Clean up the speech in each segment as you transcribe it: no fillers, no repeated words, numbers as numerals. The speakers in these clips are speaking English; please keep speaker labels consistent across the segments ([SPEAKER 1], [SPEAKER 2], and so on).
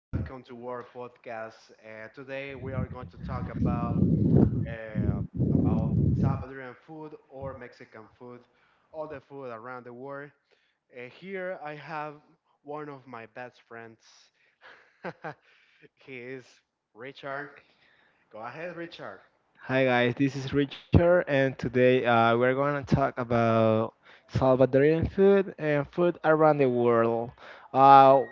[SPEAKER 1] Welcome to our podcast. Today we are going to talk about uh, about Salvadorian food or Mexican food, all the food around the world. Here I have one of my best friends. He is Richard. Go ahead, Richard.
[SPEAKER 2] Talk about Salvadorian food and food around the world. Uh,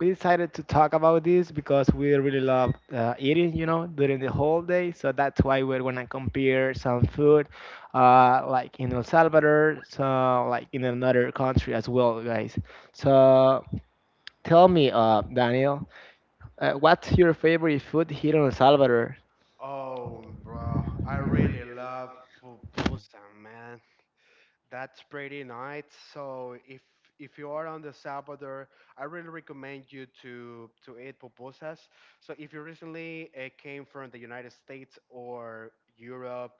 [SPEAKER 2] we decided to talk about this because we really love eating, you know, during the whole day. So that's why we're gonna compare some food, like in El Salvador, so like in another country as well, guys. So tell me, Daniel, what's your favorite food here in El Salvador?
[SPEAKER 1] Oh, bro, I really love pupusa, man. That's pretty nice. So if you are on the Salvador, I really recommend you to eat pupusas. So if you recently came from the United States or Europe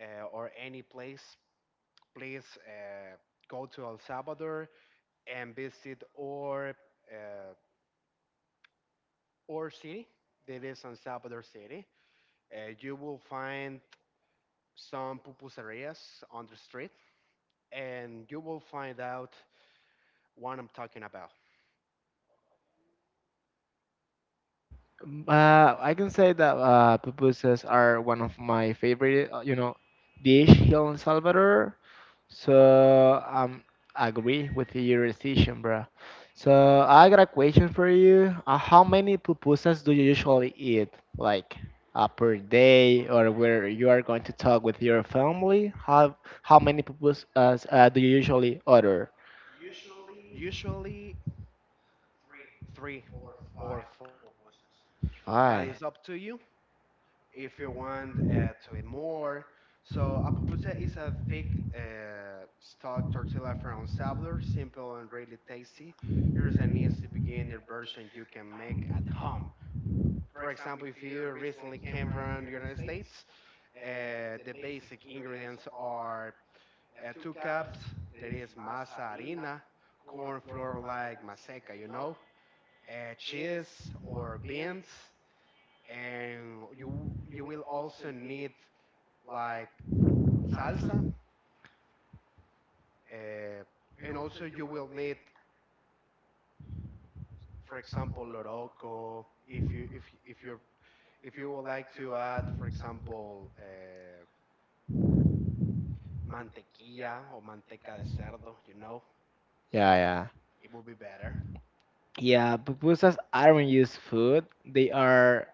[SPEAKER 1] or any place, please go to El Salvador and visit uh, or city that is on Salvador City. You will find some pupuserias on the street, and you will find out what I'm talking about.
[SPEAKER 2] I can say that pupusas are one of my favorite, you know, dish here in Salvador. So I agree with your decision, bro. So I got a question for you. How many pupusas do you usually eat, like per day, or where you are going to talk with your family? How many pupusas do you usually order?
[SPEAKER 1] Usually three or four, but
[SPEAKER 2] Why?
[SPEAKER 1] it's up to you if you want to eat more. So a pupusa is a thick stalk tortilla from El Salvador, simple and really tasty. Here's an easy beginner version you can make at home. For example, if you recently came from the United States, the basic ingredients are two cups, there is masa harina, corn flour like maseca, cheese or beans, and you will also need like salsa, uh, and also you will need, for example, loroco if you would like to add, for example, mantequilla or manteca de cerdo, you know,
[SPEAKER 2] Yeah, yeah.
[SPEAKER 1] it will be better
[SPEAKER 2] Yeah, pupusas aren't just food. They are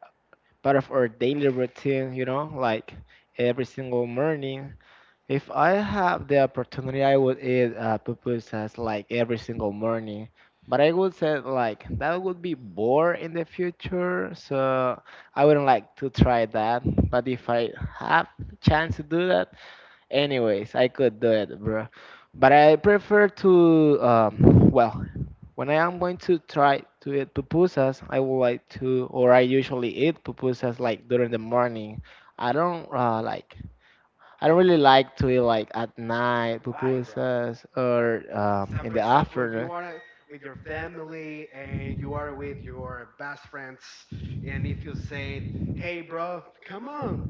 [SPEAKER 2] part of our daily routine, you know, like every single morning. If I have the opportunity, I would eat pupusas like every single morning. But I would say like that would be bored in the future, so I wouldn't like to try that. But if I have chance to do that, anyways, I could do it, bro. But I prefer to, well, when I am going to try to eat pupusas, I would like to, or I usually eat pupusas like during the morning. I don't like, I don't
[SPEAKER 1] at
[SPEAKER 2] really
[SPEAKER 1] night.
[SPEAKER 2] like to eat like at night
[SPEAKER 1] Why, bro?
[SPEAKER 2] pupusas or
[SPEAKER 1] uh,
[SPEAKER 2] in
[SPEAKER 1] for
[SPEAKER 2] the
[SPEAKER 1] example, if you
[SPEAKER 2] afternoon.
[SPEAKER 1] are with your family and you are with your best friends, and if you say, "Hey, bro, come on,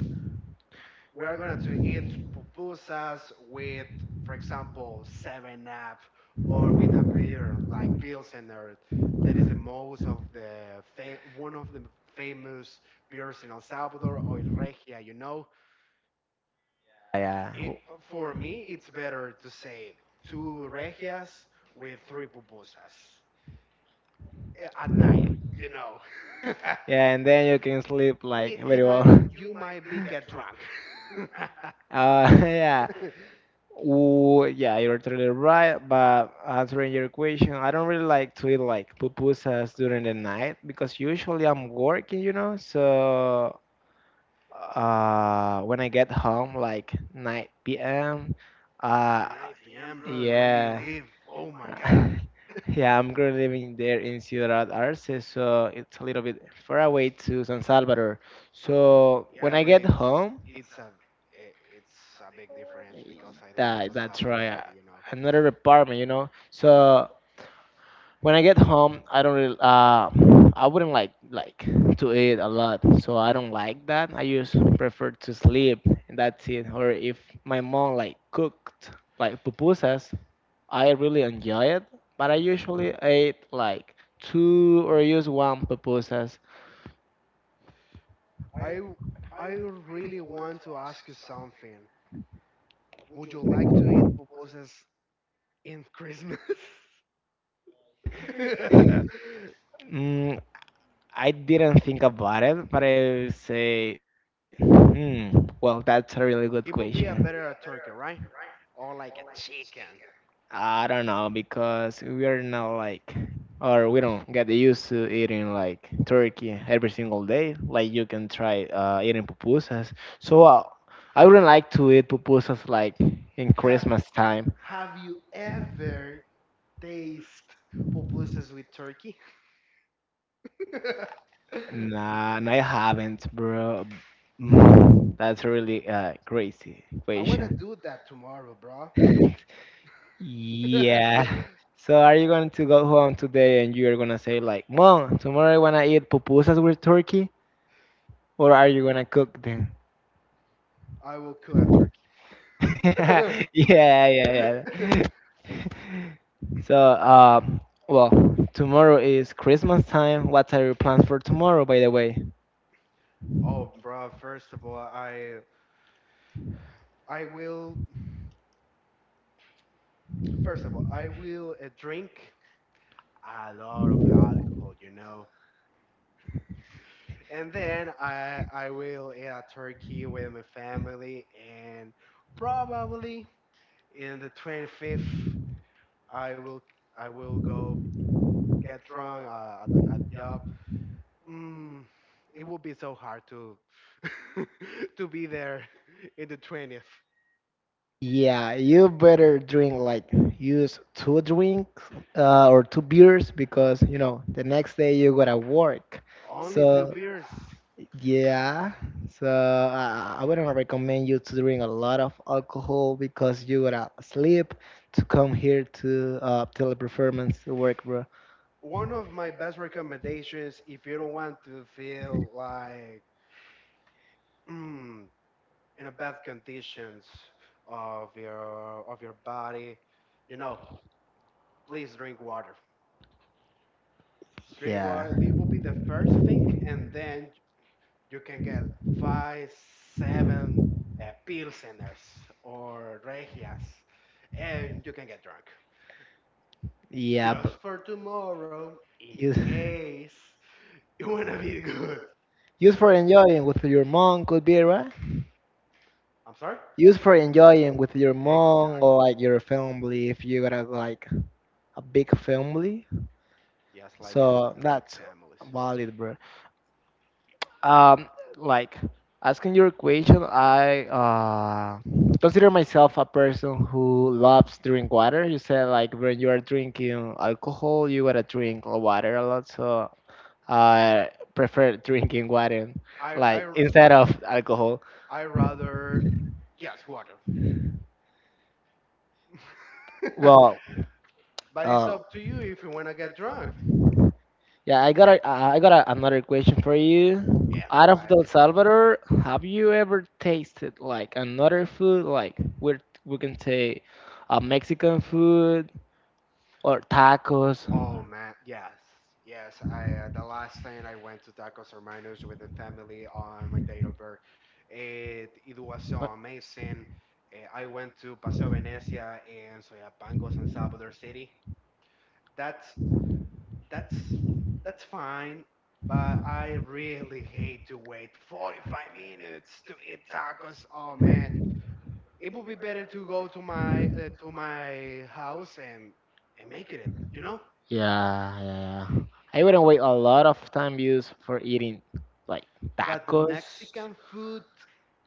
[SPEAKER 1] we are gonna to eat pupusas with, for example, Seven Up or with a beer like Pilsener." That is the most of the one of the famous beers in El Salvador or Regia. You know,
[SPEAKER 2] Yeah.
[SPEAKER 1] it, for me, it's better to say two Regias with three pupusas at night, you know.
[SPEAKER 2] Yeah, and then you can sleep like
[SPEAKER 1] It,
[SPEAKER 2] very well.
[SPEAKER 1] you might be get drunk. At
[SPEAKER 2] Yeah. Ooh, yeah, you're totally right. But answering your question, I don't really like to eat like pupusas during the night because usually I'm working, you know. So when I get home, like 9 p.m. Uh,
[SPEAKER 1] 9 p.m., bro, where do you
[SPEAKER 2] yeah,
[SPEAKER 1] live? Oh my God.
[SPEAKER 2] yeah. I'm currently living there in Ciudad Arce, so it's a little bit far away to San Salvador. So when
[SPEAKER 1] Yeah,
[SPEAKER 2] I
[SPEAKER 1] bro,
[SPEAKER 2] get home,
[SPEAKER 1] it's a it's a big
[SPEAKER 2] eh,
[SPEAKER 1] difference because I live in
[SPEAKER 2] that
[SPEAKER 1] San
[SPEAKER 2] that's
[SPEAKER 1] Salvador
[SPEAKER 2] right,
[SPEAKER 1] City, you know.
[SPEAKER 2] another apartment, you know. So when I get home, I don't really, I wouldn't like to eat a lot, so I don't like that. I just prefer to sleep, and that's it. Or if my mom like cooked like pupusas, I really enjoy it, but I
[SPEAKER 1] Mhm.
[SPEAKER 2] usually ate like two or use one pupusas.
[SPEAKER 1] I w- I really want to ask you something. Would you like to eat pupusas in Christmas? It
[SPEAKER 2] Mm, I didn't think about it, but I would say, well, that's a really good question.
[SPEAKER 1] would be a better a turkey, right? Or like a chicken.
[SPEAKER 2] I don't know because we are not like, or we don't get used to eating like turkey every single day. Like you can try eating pupusas. So I wouldn't like to eat pupusas like in
[SPEAKER 1] How,
[SPEAKER 2] Christmas time.
[SPEAKER 1] Have you ever tasted pupusas with turkey?
[SPEAKER 2] Nah, nah, I haven't, bro. That's really crazy
[SPEAKER 1] I want to
[SPEAKER 2] question.
[SPEAKER 1] do that tomorrow, bro.
[SPEAKER 2] Yeah. So are you going to go home today and you're gonna say like, "Mom, tomorrow I wanna eat pupusas with turkey?" Or are you gonna cook them?
[SPEAKER 1] I will cook a
[SPEAKER 2] yeah,
[SPEAKER 1] turkey.
[SPEAKER 2] yeah, yeah. So, well, tomorrow is Christmas time. What are your plans for tomorrow, by the way?
[SPEAKER 1] Oh, bro, I will first of all, I will drink a lot of alcohol, you know. And then I will eat a turkey with my family and probably in the 25th I will I will go get drunk at at job, mm, it would be so hard to to be there in the 20th.
[SPEAKER 2] Yeah, you better drink like use two drinks or two beers because you know the next day you gotta work.
[SPEAKER 1] Only two
[SPEAKER 2] So
[SPEAKER 1] beers.
[SPEAKER 2] yeah, so I wouldn't recommend you to drink a lot of alcohol because you gotta sleep to come here to teleperformance to work, bro.
[SPEAKER 1] One of my best recommendations, if you don't want to feel like mm, in a bad conditions of your body, you know, please drink water. Drink
[SPEAKER 2] Yeah,
[SPEAKER 1] water. It will be the first thing, and then you can get 5, 7 Pilseners or Regias, and you can get drunk.
[SPEAKER 2] yeah,
[SPEAKER 1] Just
[SPEAKER 2] but
[SPEAKER 1] for tomorrow,
[SPEAKER 2] use
[SPEAKER 1] in case you wanna be good.
[SPEAKER 2] use for enjoying with your mom could be right.
[SPEAKER 1] I'm sorry?
[SPEAKER 2] Use for enjoying with your mom or
[SPEAKER 1] Exactly.
[SPEAKER 2] like your family if you gotta like a big family.
[SPEAKER 1] Yes, like a,
[SPEAKER 2] So
[SPEAKER 1] big
[SPEAKER 2] that's
[SPEAKER 1] families.
[SPEAKER 2] valid, bro. Um, like asking your question, I consider myself a person who loves drink water. You said like when you are drinking alcohol, you gotta drink water a lot. So I prefer drinking water,
[SPEAKER 1] I
[SPEAKER 2] like
[SPEAKER 1] I
[SPEAKER 2] instead of alcohol.
[SPEAKER 1] I rather yes, water.
[SPEAKER 2] Well,
[SPEAKER 1] But it's
[SPEAKER 2] uh,
[SPEAKER 1] up to you if you wanna get drunk.
[SPEAKER 2] yeah, I got another question for you.
[SPEAKER 1] Yes,
[SPEAKER 2] Out of
[SPEAKER 1] why?
[SPEAKER 2] El Salvador, have you ever tasted like another food? Like we can say, Mexican food or tacos.
[SPEAKER 1] Oh man, yes, yes. I The last time I went to Tacos Hermanos with the family on my date of birth, it was so
[SPEAKER 2] But-
[SPEAKER 1] amazing. I went to Paseo Venecia and Soyapangos and Salvador City. That's that's that's fine, but I really hate to wait 45 minutes to eat tacos. Oh man, it would be better to go to my house and make it, you know?
[SPEAKER 2] yeah, yeah, yeah. I wouldn't wait a lot of time years for eating like
[SPEAKER 1] But the
[SPEAKER 2] tacos.
[SPEAKER 1] Mexican food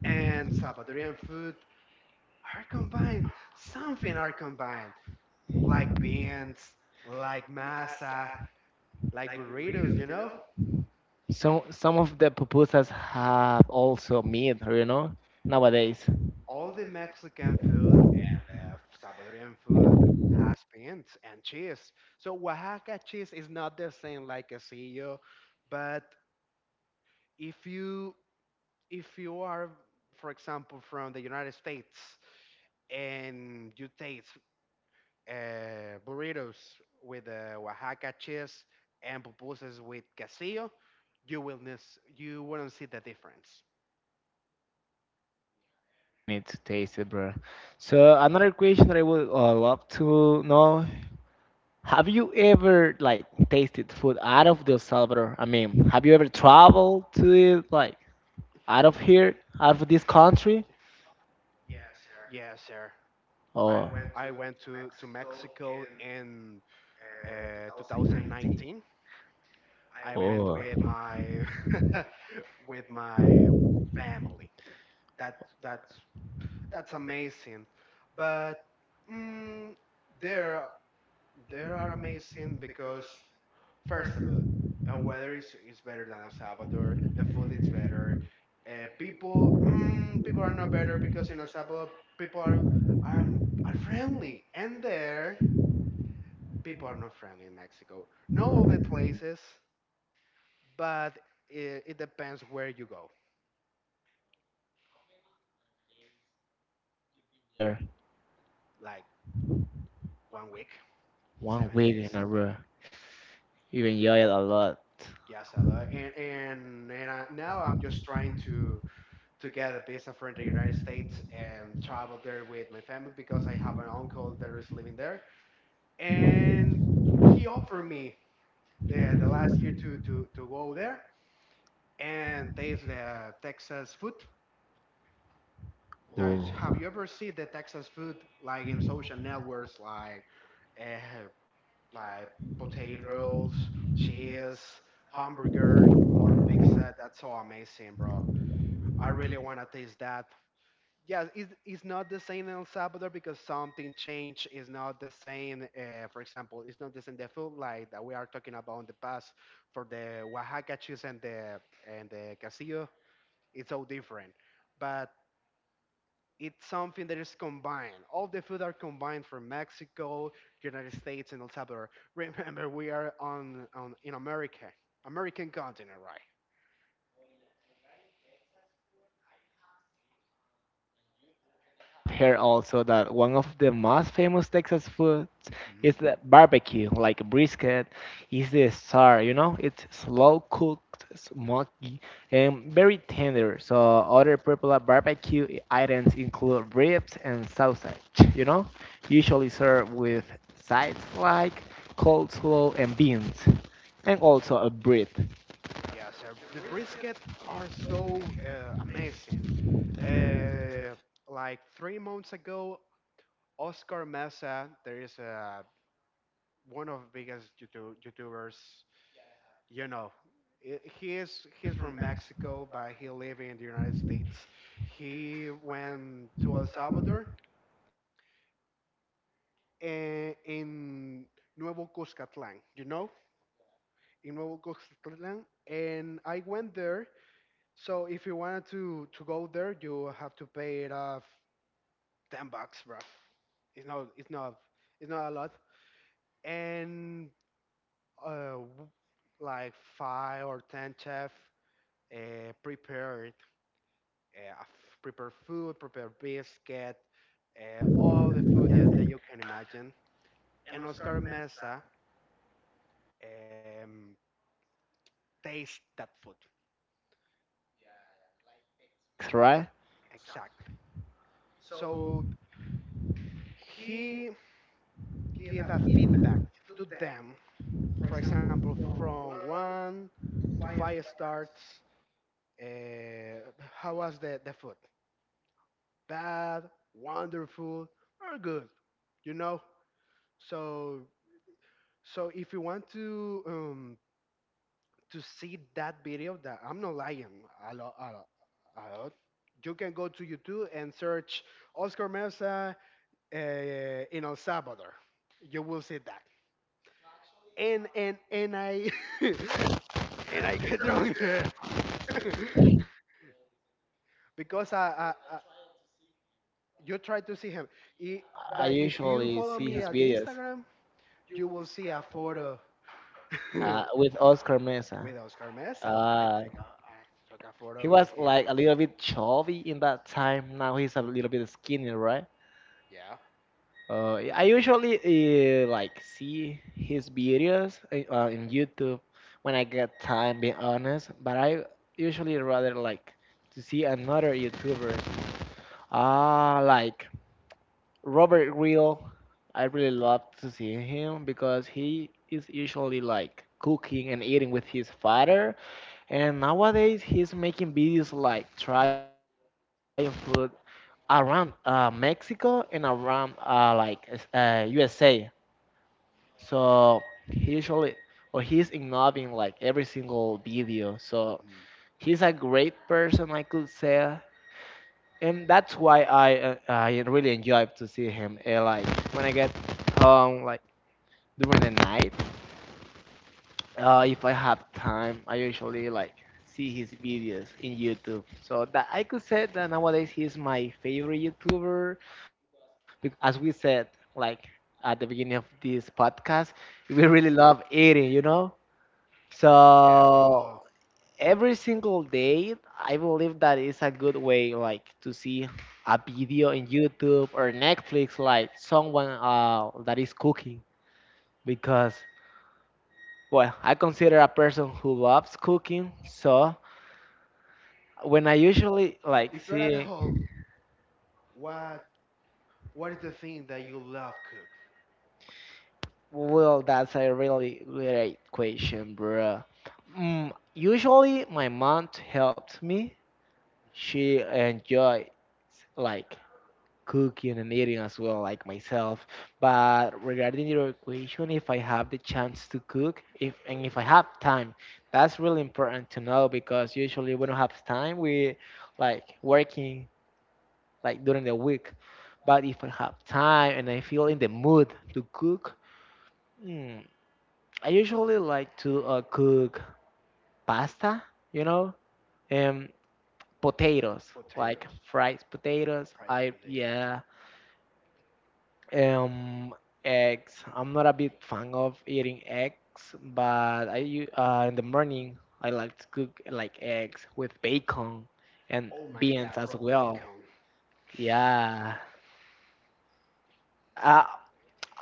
[SPEAKER 1] and Salvadorian food are combined. Something are combined, like beans, like masa, like burritos. You know,
[SPEAKER 2] Some of the pupusas have also meat, you know. Nowadays,
[SPEAKER 1] all the Mexican food and the Salvadorian food has beans and cheese. So Oaxaca cheese is not the same like quesillo, but if you if you are, for example, from the United States and you taste burritos with Oaxaca cheese and pupusas with quesillo, you will miss, you wouldn't see the difference.
[SPEAKER 2] need to taste it, bro. So another question that I would love to know, have you ever like tasted food out of El Salvador? I mean, have you ever traveled to it like out of here, out of this country?
[SPEAKER 1] Yes, sir.
[SPEAKER 2] I
[SPEAKER 1] I
[SPEAKER 2] or
[SPEAKER 1] went to Mexico in 2019. I
[SPEAKER 2] to
[SPEAKER 1] went
[SPEAKER 2] oh,
[SPEAKER 1] with my with my family. That that's that's amazing. But mm, there they are amazing because, first of all, weather is better than El Salvador. The food is better. People are not better because in El Salvador people are are friendly, and there people are not friendly in Mexico. Not all the places, but it depends where you go.
[SPEAKER 2] there
[SPEAKER 1] Like 1 week,
[SPEAKER 2] one
[SPEAKER 1] seven
[SPEAKER 2] week
[SPEAKER 1] days.
[SPEAKER 2] in a row. You enjoy it a lot.
[SPEAKER 1] Yes, a lot. And I, now I'm just trying to get a visa for the United States and travel there with my family because I have an uncle that is living there. And he offered me the last year to go there and taste the Texas food. Have
[SPEAKER 2] Oh.
[SPEAKER 1] you ever seen the Texas food like in social networks, uh, like potatoes, cheese, hamburger, or pizza? That's so amazing, bro. I really want to taste that. Yeah, it's not the same in El Salvador because something changed. It's not the same, for example, it's not the same the food like that we are talking about in the past for the Oaxaca cheese and the casillo. It's all different, but it's something that is combined. All the food are combined from Mexico, United States, and El Salvador. Remember, we are on in America, American continent,
[SPEAKER 2] Heard also that one of the most famous Texas foods is
[SPEAKER 1] right?
[SPEAKER 2] the barbecue, like brisket, is the star. You know, it's slow cooked, smoky, and very tender. So other popular barbecue items include ribs and sausage. You know, usually served with sides like coleslaw and beans, and also a bread,
[SPEAKER 1] Yes, sir. The brisket are so amazing. Uh, like 3 months ago, Oscar Mesa, there is one of the biggest YouTubers. You know, he is he's from Mexico, but he live in the United States. He went to El Salvador in Nuevo Cuscatlán. You know, in Nuevo Cuscatlán, and I went there. So if you wanted to go there, you have to pay it off $10, bro. It's not it's not it's not a lot. And uh, w- like five or ten chef prepare it, prepare food, prepare biscuit, all the food yeah, that you can imagine. And Oscar Mesa um, taste that food
[SPEAKER 2] right?
[SPEAKER 1] exactly. So he gave a feedback to them for example, from 1 to 5 stars, uh, how was the food? Bad, wonderful, or good? You know. So so if you want to see that video, that I'm not lying a lot, a lot, a lot. You can go to YouTube and search Oscar Mesa in El Salvador. You will see that. And I and I get drunk there. Because I you try to see him. I-
[SPEAKER 2] I
[SPEAKER 1] but if you
[SPEAKER 2] usually
[SPEAKER 1] follow
[SPEAKER 2] see
[SPEAKER 1] me
[SPEAKER 2] his
[SPEAKER 1] at
[SPEAKER 2] videos
[SPEAKER 1] Instagram, you will see a photo with
[SPEAKER 2] with Oscar Mesa.
[SPEAKER 1] Oscar Mesa. I
[SPEAKER 2] Uh,
[SPEAKER 1] think I took a
[SPEAKER 2] He
[SPEAKER 1] photo
[SPEAKER 2] was
[SPEAKER 1] with him.
[SPEAKER 2] like a little bit chubby in that time. Now he's a little bit skinny, right?
[SPEAKER 1] Yeah.
[SPEAKER 2] I usually like see his videos in YouTube when I get time, being honest. But I usually rather like to see another YouTuber. Ah, like Robert Real. I really love to see him because he is usually like cooking and eating with his father. And nowadays he's making videos like trying food around Mexico and around like USA. So he usually or he's involving like every single video. So
[SPEAKER 1] Hmm.
[SPEAKER 2] he's a great person, I could say, and that's why I really enjoy to see him. Like when I get home, like during the night, if I have time, I usually like see his videos in YouTube. So that I could say that nowadays he's my favorite YouTuber because, as we said, like at the beginning of this podcast, we really love eating, you know.
[SPEAKER 1] Yeah, bro.
[SPEAKER 2] So every single day, I believe that is a good way, like to see a video in YouTube or Netflix, like someone that is cooking because well, I consider a person who loves cooking, so when I usually like
[SPEAKER 1] If you're at
[SPEAKER 2] see,
[SPEAKER 1] home, what what is the thing that you love cook?
[SPEAKER 2] well, that's a really great question, bro. Usually, my mom helps me. She enjoys like cooking and eating as well, like myself. But regarding your question, if I have the chance to cook, if I have time, that's really important to know because usually we don't have time. We like working like during the week. But if I have time and I feel in the mood to cook, mm, I usually like to cook pasta, you know, and potatoes, like
[SPEAKER 1] Potatoes,
[SPEAKER 2] fried potatoes.
[SPEAKER 1] fried potatoes.
[SPEAKER 2] Um, eggs. I'm not a big fan of eating eggs, but in the morning I like to cook like eggs with bacon and
[SPEAKER 1] Oh my
[SPEAKER 2] beans
[SPEAKER 1] God,
[SPEAKER 2] as
[SPEAKER 1] bro,
[SPEAKER 2] well.
[SPEAKER 1] bacon.
[SPEAKER 2] Yeah. Uh,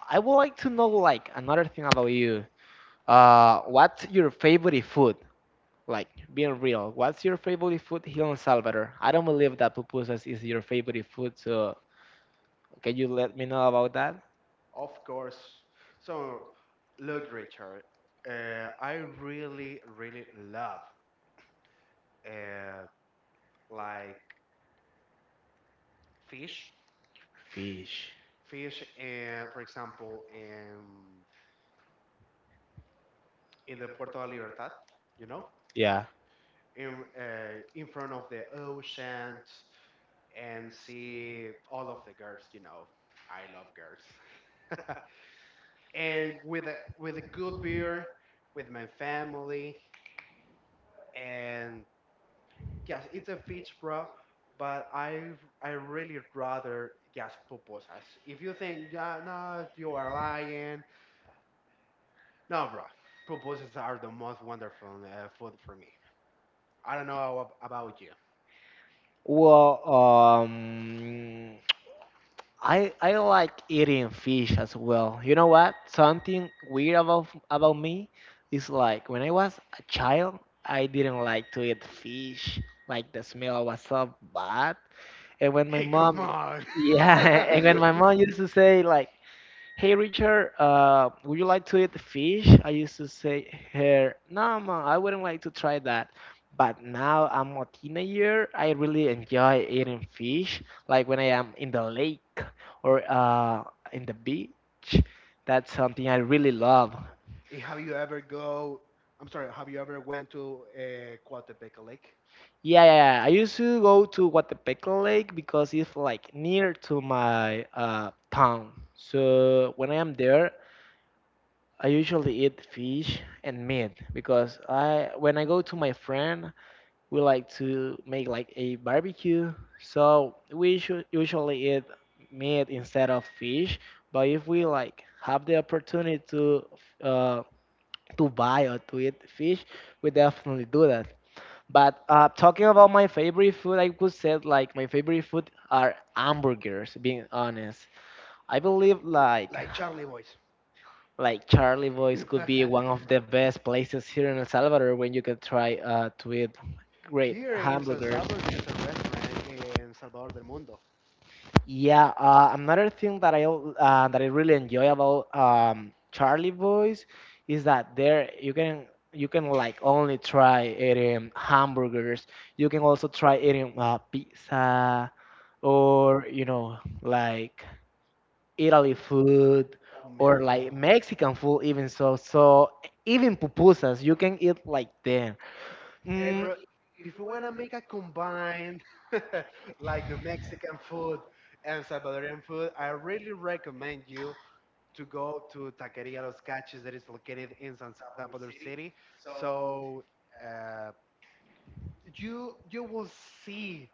[SPEAKER 2] I would like to know like another thing about you. What's your favorite food? Like being real, what's your favorite food here in Salvador? I don't believe that pupusas is your favorite food, so can you let me know about that?
[SPEAKER 1] Of course. So, look, Richard. I really, really love uh, like fish,
[SPEAKER 2] Fish.
[SPEAKER 1] fish, and for example, in the Puerto de Libertad, you know,
[SPEAKER 2] Yeah.
[SPEAKER 1] in front of the ocean, and see all of the girls. You know, I love girls, and with a good beer, with my family, and yes, it's a fish, bro. But I really rather just pupusas. If you think, yeah, no, you are lying, no, bro. Proposals are the most wonderful food for me. I don't know how, about you.
[SPEAKER 2] Well, I like eating fish as well. You know what? Something weird about me is like when I was a child, I didn't like to eat fish. Like the smell was so bad. And when my
[SPEAKER 1] Hey, come
[SPEAKER 2] mom,
[SPEAKER 1] on.
[SPEAKER 2] yeah, and when my mom used to say like, "Hey Richard, would you like to eat fish?" I used to say her, "No, mom, I wouldn't like to try that." But now I'm a teenager, I really enjoy eating fish. Like when I am in the lake or in the beach, that's something I really love.
[SPEAKER 1] Eh, have you ever go? I'm sorry. Have you ever went to Coatepeque Lake?
[SPEAKER 2] Yeah, yeah, yeah. I used to go to Guatepeque Lake because it's like near to my town. So when I am there, I usually eat fish and meat because I when I go to my friend, we like to make like a barbecue. So we should usually eat meat instead of fish. But if we like have the opportunity to uh, buy or to eat fish, we definitely do that. But talking about my favorite food, I could say like my favorite food are hamburgers. Being honest, I believe like
[SPEAKER 1] Like Charlie Boys.
[SPEAKER 2] like Charlie Boys could be one of the best places here in El Salvador when you can try to eat great
[SPEAKER 1] Here in San
[SPEAKER 2] hamburgers.
[SPEAKER 1] Salvador, there is a restaurant in Salvador del Mundo.
[SPEAKER 2] Yeah, another thing that I al- that I really enjoy about Charlie Boys is that there you can like only try eating hamburgers. You can also try eating pizza or you know like Italy food
[SPEAKER 1] Oh
[SPEAKER 2] or
[SPEAKER 1] man, bro.
[SPEAKER 2] like Mexican food even even pupusas you can eat like them.
[SPEAKER 1] Hey, bro,
[SPEAKER 2] Mm,
[SPEAKER 1] if you want to make a combine like the Mexican food and Salvadorian food, I really recommend you to go to Taqueria Los Cachis that is located in San Salvador City. So uh, you will see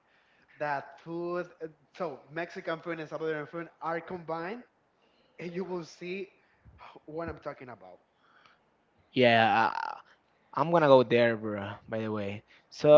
[SPEAKER 1] that food. So Mexican food and Salvadorian food are combined, and you will see what I'm talking about.
[SPEAKER 2] yeah, I'm gonna go there, bro. By the way, so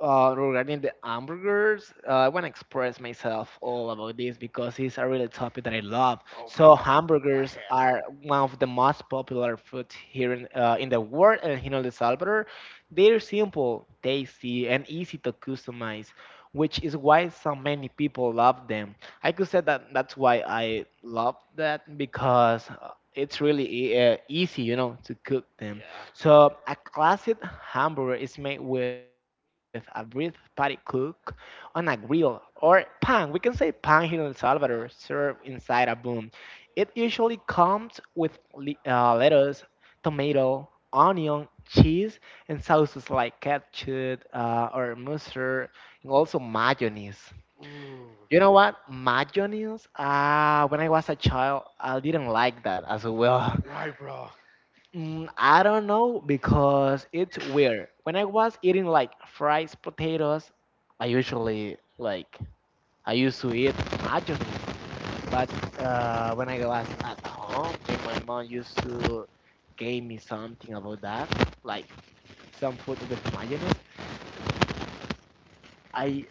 [SPEAKER 2] regarding the hamburgers, I wanna express myself all about this because it's a really topic that I love.
[SPEAKER 1] Oh my
[SPEAKER 2] So
[SPEAKER 1] God! Go
[SPEAKER 2] hamburgers
[SPEAKER 1] ahead.
[SPEAKER 2] are one of the most popular food here in the world and here in El Salvador. They're simple, tasty, and easy to customize, which is why so many people love them. I could say that that's why I love that because it's really easy, to cook them.
[SPEAKER 1] Yeah.
[SPEAKER 2] So, a classic hamburger is made with a bread patty cooked on a grill or pan. We can say pan here in El Salvador,
[SPEAKER 1] Yeah.
[SPEAKER 2] served inside a boom. It usually comes with lettuce, tomato, onion, cheese, and sauces like ketchup or mustard, and also mayonnaise.
[SPEAKER 1] Ooh.
[SPEAKER 2] You know what? Mayonnaise? Ah, when I was a child, I didn't like that as well.
[SPEAKER 1] Why, bro?
[SPEAKER 2] I don't know because it's weird. When I was eating like fries, potatoes, I usually like I used to eat nachos, but
[SPEAKER 1] Yes.
[SPEAKER 2] when I was at home, and my mom used to gave me something about that, like some food with mayonnaise. I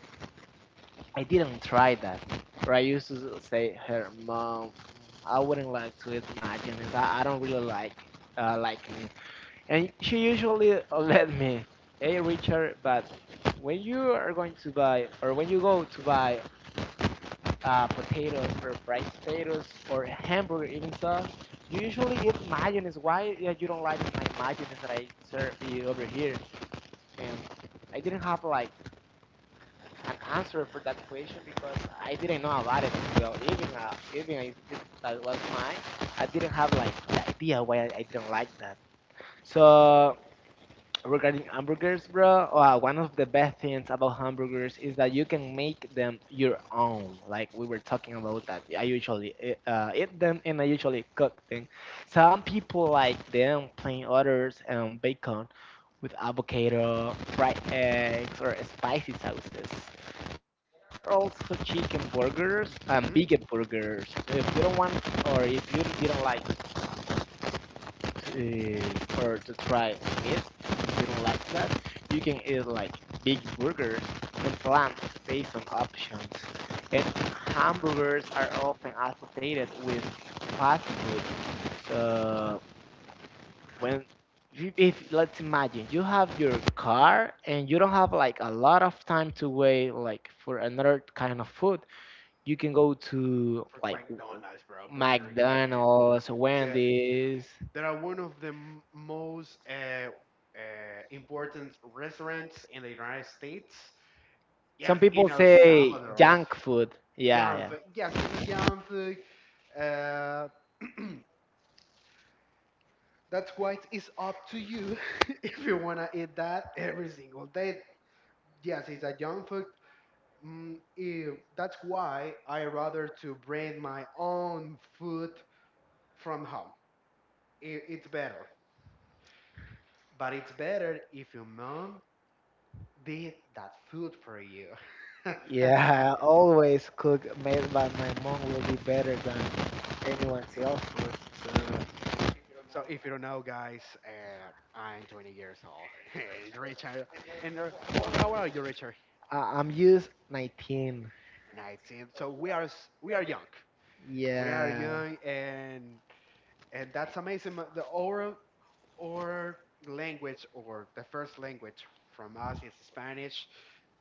[SPEAKER 2] I didn't try that, or I used to say her mom, I wouldn't like to eat mayonnaise. I don't really like like it. And she usually let me, hey Richard, but when you are going to buy, or when you go to buy potatoes or fried potatoes or hamburger even stuff, you usually eat mayonnaise. Why yeah, you don't like my mayonnaise that I serve you over here? And I didn't have like an answer for that question because I didn't know about it as well. Even I that was mine, I didn't have like the idea why I didn't like that. So regarding hamburgers, bro, one of the best things about hamburgers is that you can make them your own. Like we were talking about that. I usually eat them and I usually cook them. Some people like them plain others and bacon with avocado, fried eggs, or spicy sauces. There are also chicken burgers and
[SPEAKER 1] Hmm.
[SPEAKER 2] vegan burgers. If you don't want or if you didn't like uh, for to try meat. If you don't like
[SPEAKER 1] Hmm.
[SPEAKER 2] that, you can eat like big burgers and plants based on options. And hamburgers are often associated with fast food. So when if let's imagine you have your
[SPEAKER 1] Hmm.
[SPEAKER 2] car and you don't have like a lot of time to wait like for another kind of food, you can go to
[SPEAKER 1] For
[SPEAKER 2] like
[SPEAKER 1] McDonald's, bro, Burger King.
[SPEAKER 2] McDonald's,
[SPEAKER 1] It's,
[SPEAKER 2] Wendy's.
[SPEAKER 1] they are one of the most important restaurants in the United States.
[SPEAKER 2] Some
[SPEAKER 1] Yes,
[SPEAKER 2] people
[SPEAKER 1] in El
[SPEAKER 2] say
[SPEAKER 1] Salvador also.
[SPEAKER 2] junk food.
[SPEAKER 1] Junk
[SPEAKER 2] Yeah,
[SPEAKER 1] food. Yes,
[SPEAKER 2] yeah.
[SPEAKER 1] it's a junk food. Uh, that's why it's up to you if you wanna eat that every single day. Yes, it's a junk food. Mm, if, that's why I rather to bring my own food from home. It's better, but it's better if your mom did that food for you.
[SPEAKER 2] Yeah, always cook made by my mom will be better than anyone else's. So
[SPEAKER 1] So if you don't know, guys, I'm 20 years old. And Richard, and how old are you, Richard?
[SPEAKER 2] I'm used 19.
[SPEAKER 1] 19. So we are we are young. We are
[SPEAKER 2] Yeah.
[SPEAKER 1] young, and that's amazing. The oral or language or the first language from us is Spanish,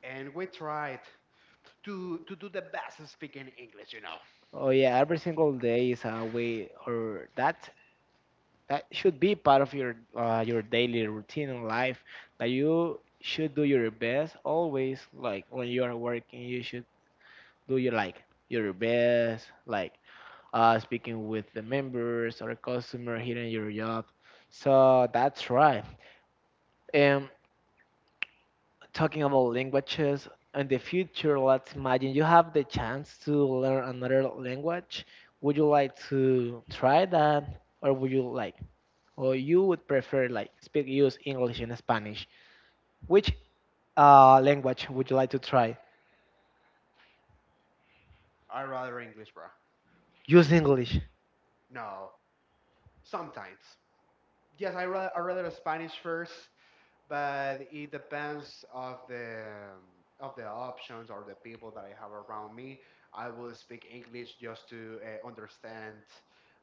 [SPEAKER 1] and we tried to do the best in speaking English. You know,
[SPEAKER 2] Oh yeah, every single day is a way, or that that should be part of your daily routine in life. That you should do your best always. Like when you are working, you should do your best. Like speaking with the members or a customer, hitting your job. So that's right. And talking about languages in the future, let's imagine you have the chance to learn another language. Would you like to try that, or you would prefer like speak use English and Spanish? Which language would you like to try?
[SPEAKER 1] I rather English, bro.
[SPEAKER 2] Use English.
[SPEAKER 1] No, sometimes. Yes, I rather Spanish first, but it depends of the options or the people that I have around me. I will speak English just to understand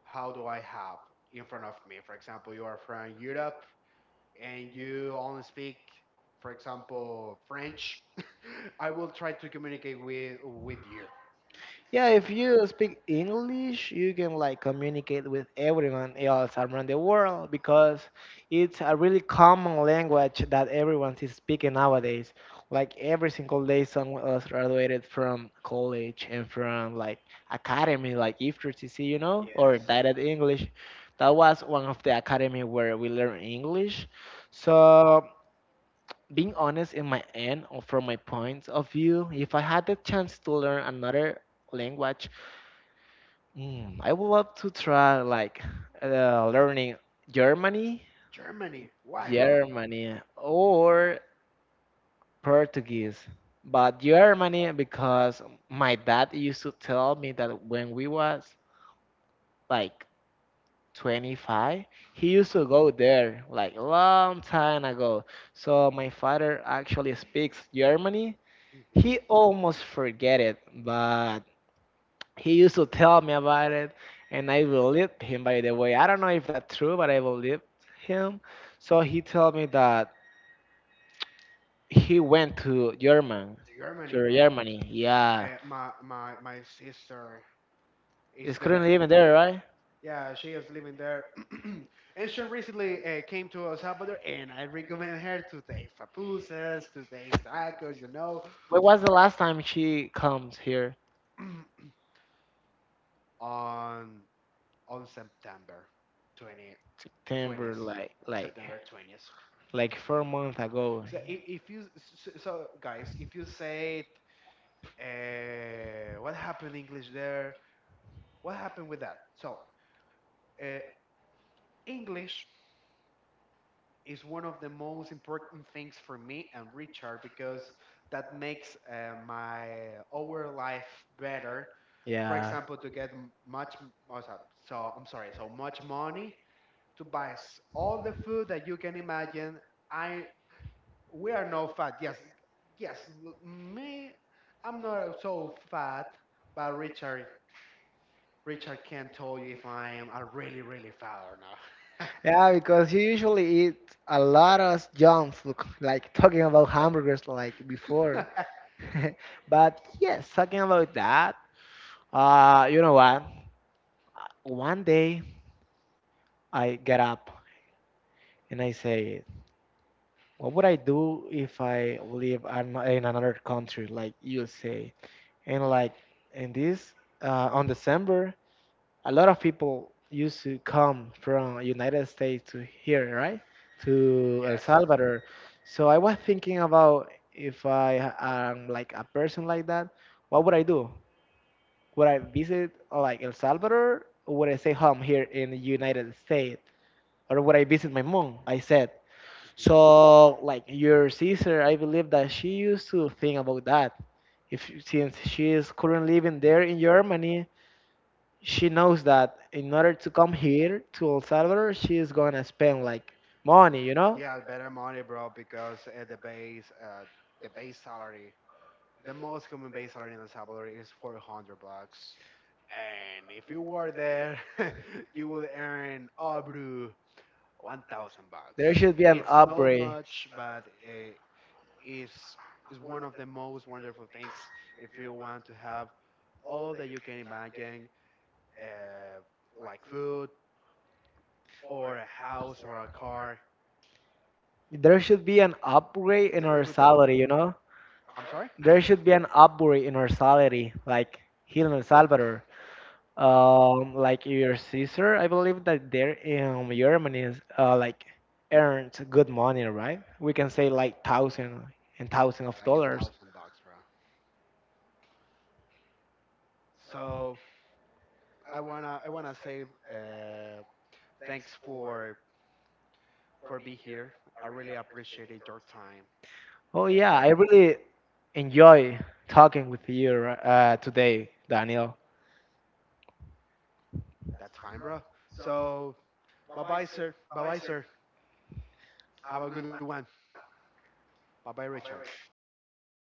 [SPEAKER 1] how do I have in front of me. For example, you are from Europe and you only speak, for example, French. I will try to communicate with you.
[SPEAKER 2] Yeah, if you speak English, you can like communicate with everyone else around the world because it's a really common language that everyone is speaking nowadays. Like every single day, someone else graduated from college and from like academy, like IFTTC,
[SPEAKER 1] Yes,
[SPEAKER 2] or Direct English. That was one of the academy where we learn English. So being honest in my end or from my point of view, if I had the chance to learn another language, I would love to try like learning Germany,
[SPEAKER 1] Germany. Why, bro?
[SPEAKER 2] Germany, or Portuguese. But Germany because my dad used to tell me that when we was like 25, he used to go there like long time ago. So my father actually speaks Germany. He
[SPEAKER 1] Hmm.
[SPEAKER 2] almost forget it, but he used to tell me about it, and I believed him. By the way, I don't know if that's true, but I believed him. So he told me that he went to
[SPEAKER 1] Germany, bro.
[SPEAKER 2] Germany. Yeah,
[SPEAKER 1] My sister is
[SPEAKER 2] he's
[SPEAKER 1] there.
[SPEAKER 2] currently even there, right?
[SPEAKER 1] Yeah, she is living there. And she recently came to El Salvador, and I recommend her to taste papusas, to taste tacos, you know,
[SPEAKER 2] When was the last time she comes here
[SPEAKER 1] on September 20
[SPEAKER 2] to Denver?
[SPEAKER 1] 20th, September 20th.
[SPEAKER 2] Like 4 months ago.
[SPEAKER 1] So if you, guys, if you say what happened in English there, what happened with that? So uh, English is one of the most important things for me and Richard because that makes my our life better. For
[SPEAKER 2] Yeah.
[SPEAKER 1] example, to get much oh, I'm sorry, so much money to buy all the food that you can imagine. I we are no fat. Yes, yes, me, I'm not so fat, but Richard. Richard can't tell you if I am a really, really fat or not.
[SPEAKER 2] Yeah, because you usually eat a lot of junk food, like talking about hamburgers like before. But yes, talking about that, you know what? One day I get up and I say, what would I do if I live in another country like USA? And like in this, on December, a lot of people used to come from United States to here, right? To El
[SPEAKER 1] Yes, sir.
[SPEAKER 2] Salvador. So I was thinking about if I am like a person like that, what would I do? Would I visit like El Salvador, or would I stay home here in the United States? Or would I visit my mom? I said.
[SPEAKER 1] Mm-hmm.
[SPEAKER 2] So like your sister, I believe that she used to think about that. If since she is currently living there in Germany, she knows that in order to come here to El Salvador, she is gonna spend like money, you know?
[SPEAKER 1] Yeah, better money, bro, because at the base salary, the most common base salary in El Salvador is 400 bucks. And if you were there, you will earn Abru 1000
[SPEAKER 2] There
[SPEAKER 1] bucks.
[SPEAKER 2] should be an
[SPEAKER 1] It's not
[SPEAKER 2] upgrade.
[SPEAKER 1] much, but it's, is one of the most wonderful things if you want to have all that you can imagine, uh, like food or a house or a car.
[SPEAKER 2] There should be an upgrade
[SPEAKER 1] It's
[SPEAKER 2] in
[SPEAKER 1] a
[SPEAKER 2] our
[SPEAKER 1] good
[SPEAKER 2] salary,
[SPEAKER 1] support.
[SPEAKER 2] you know?
[SPEAKER 1] I'm sorry?
[SPEAKER 2] There should be an upgrade in our salary, like here in El Salvador. Like your sister, I believe that there in Germany is like earns good money, right? We can say like thousand and thousand of
[SPEAKER 1] Like a
[SPEAKER 2] dollars.
[SPEAKER 1] thousand bucks, bro. So I wanna say thanks for being here. I really appreciated your time.
[SPEAKER 2] Oh yeah,
[SPEAKER 1] Uh,
[SPEAKER 2] I really enjoy talking with you today, Daniel.
[SPEAKER 1] that's fine, bro. So bye bye, sir. Bye bye, sir. Have a good one. Bye bye, Richard.
[SPEAKER 2] Merry Christmas.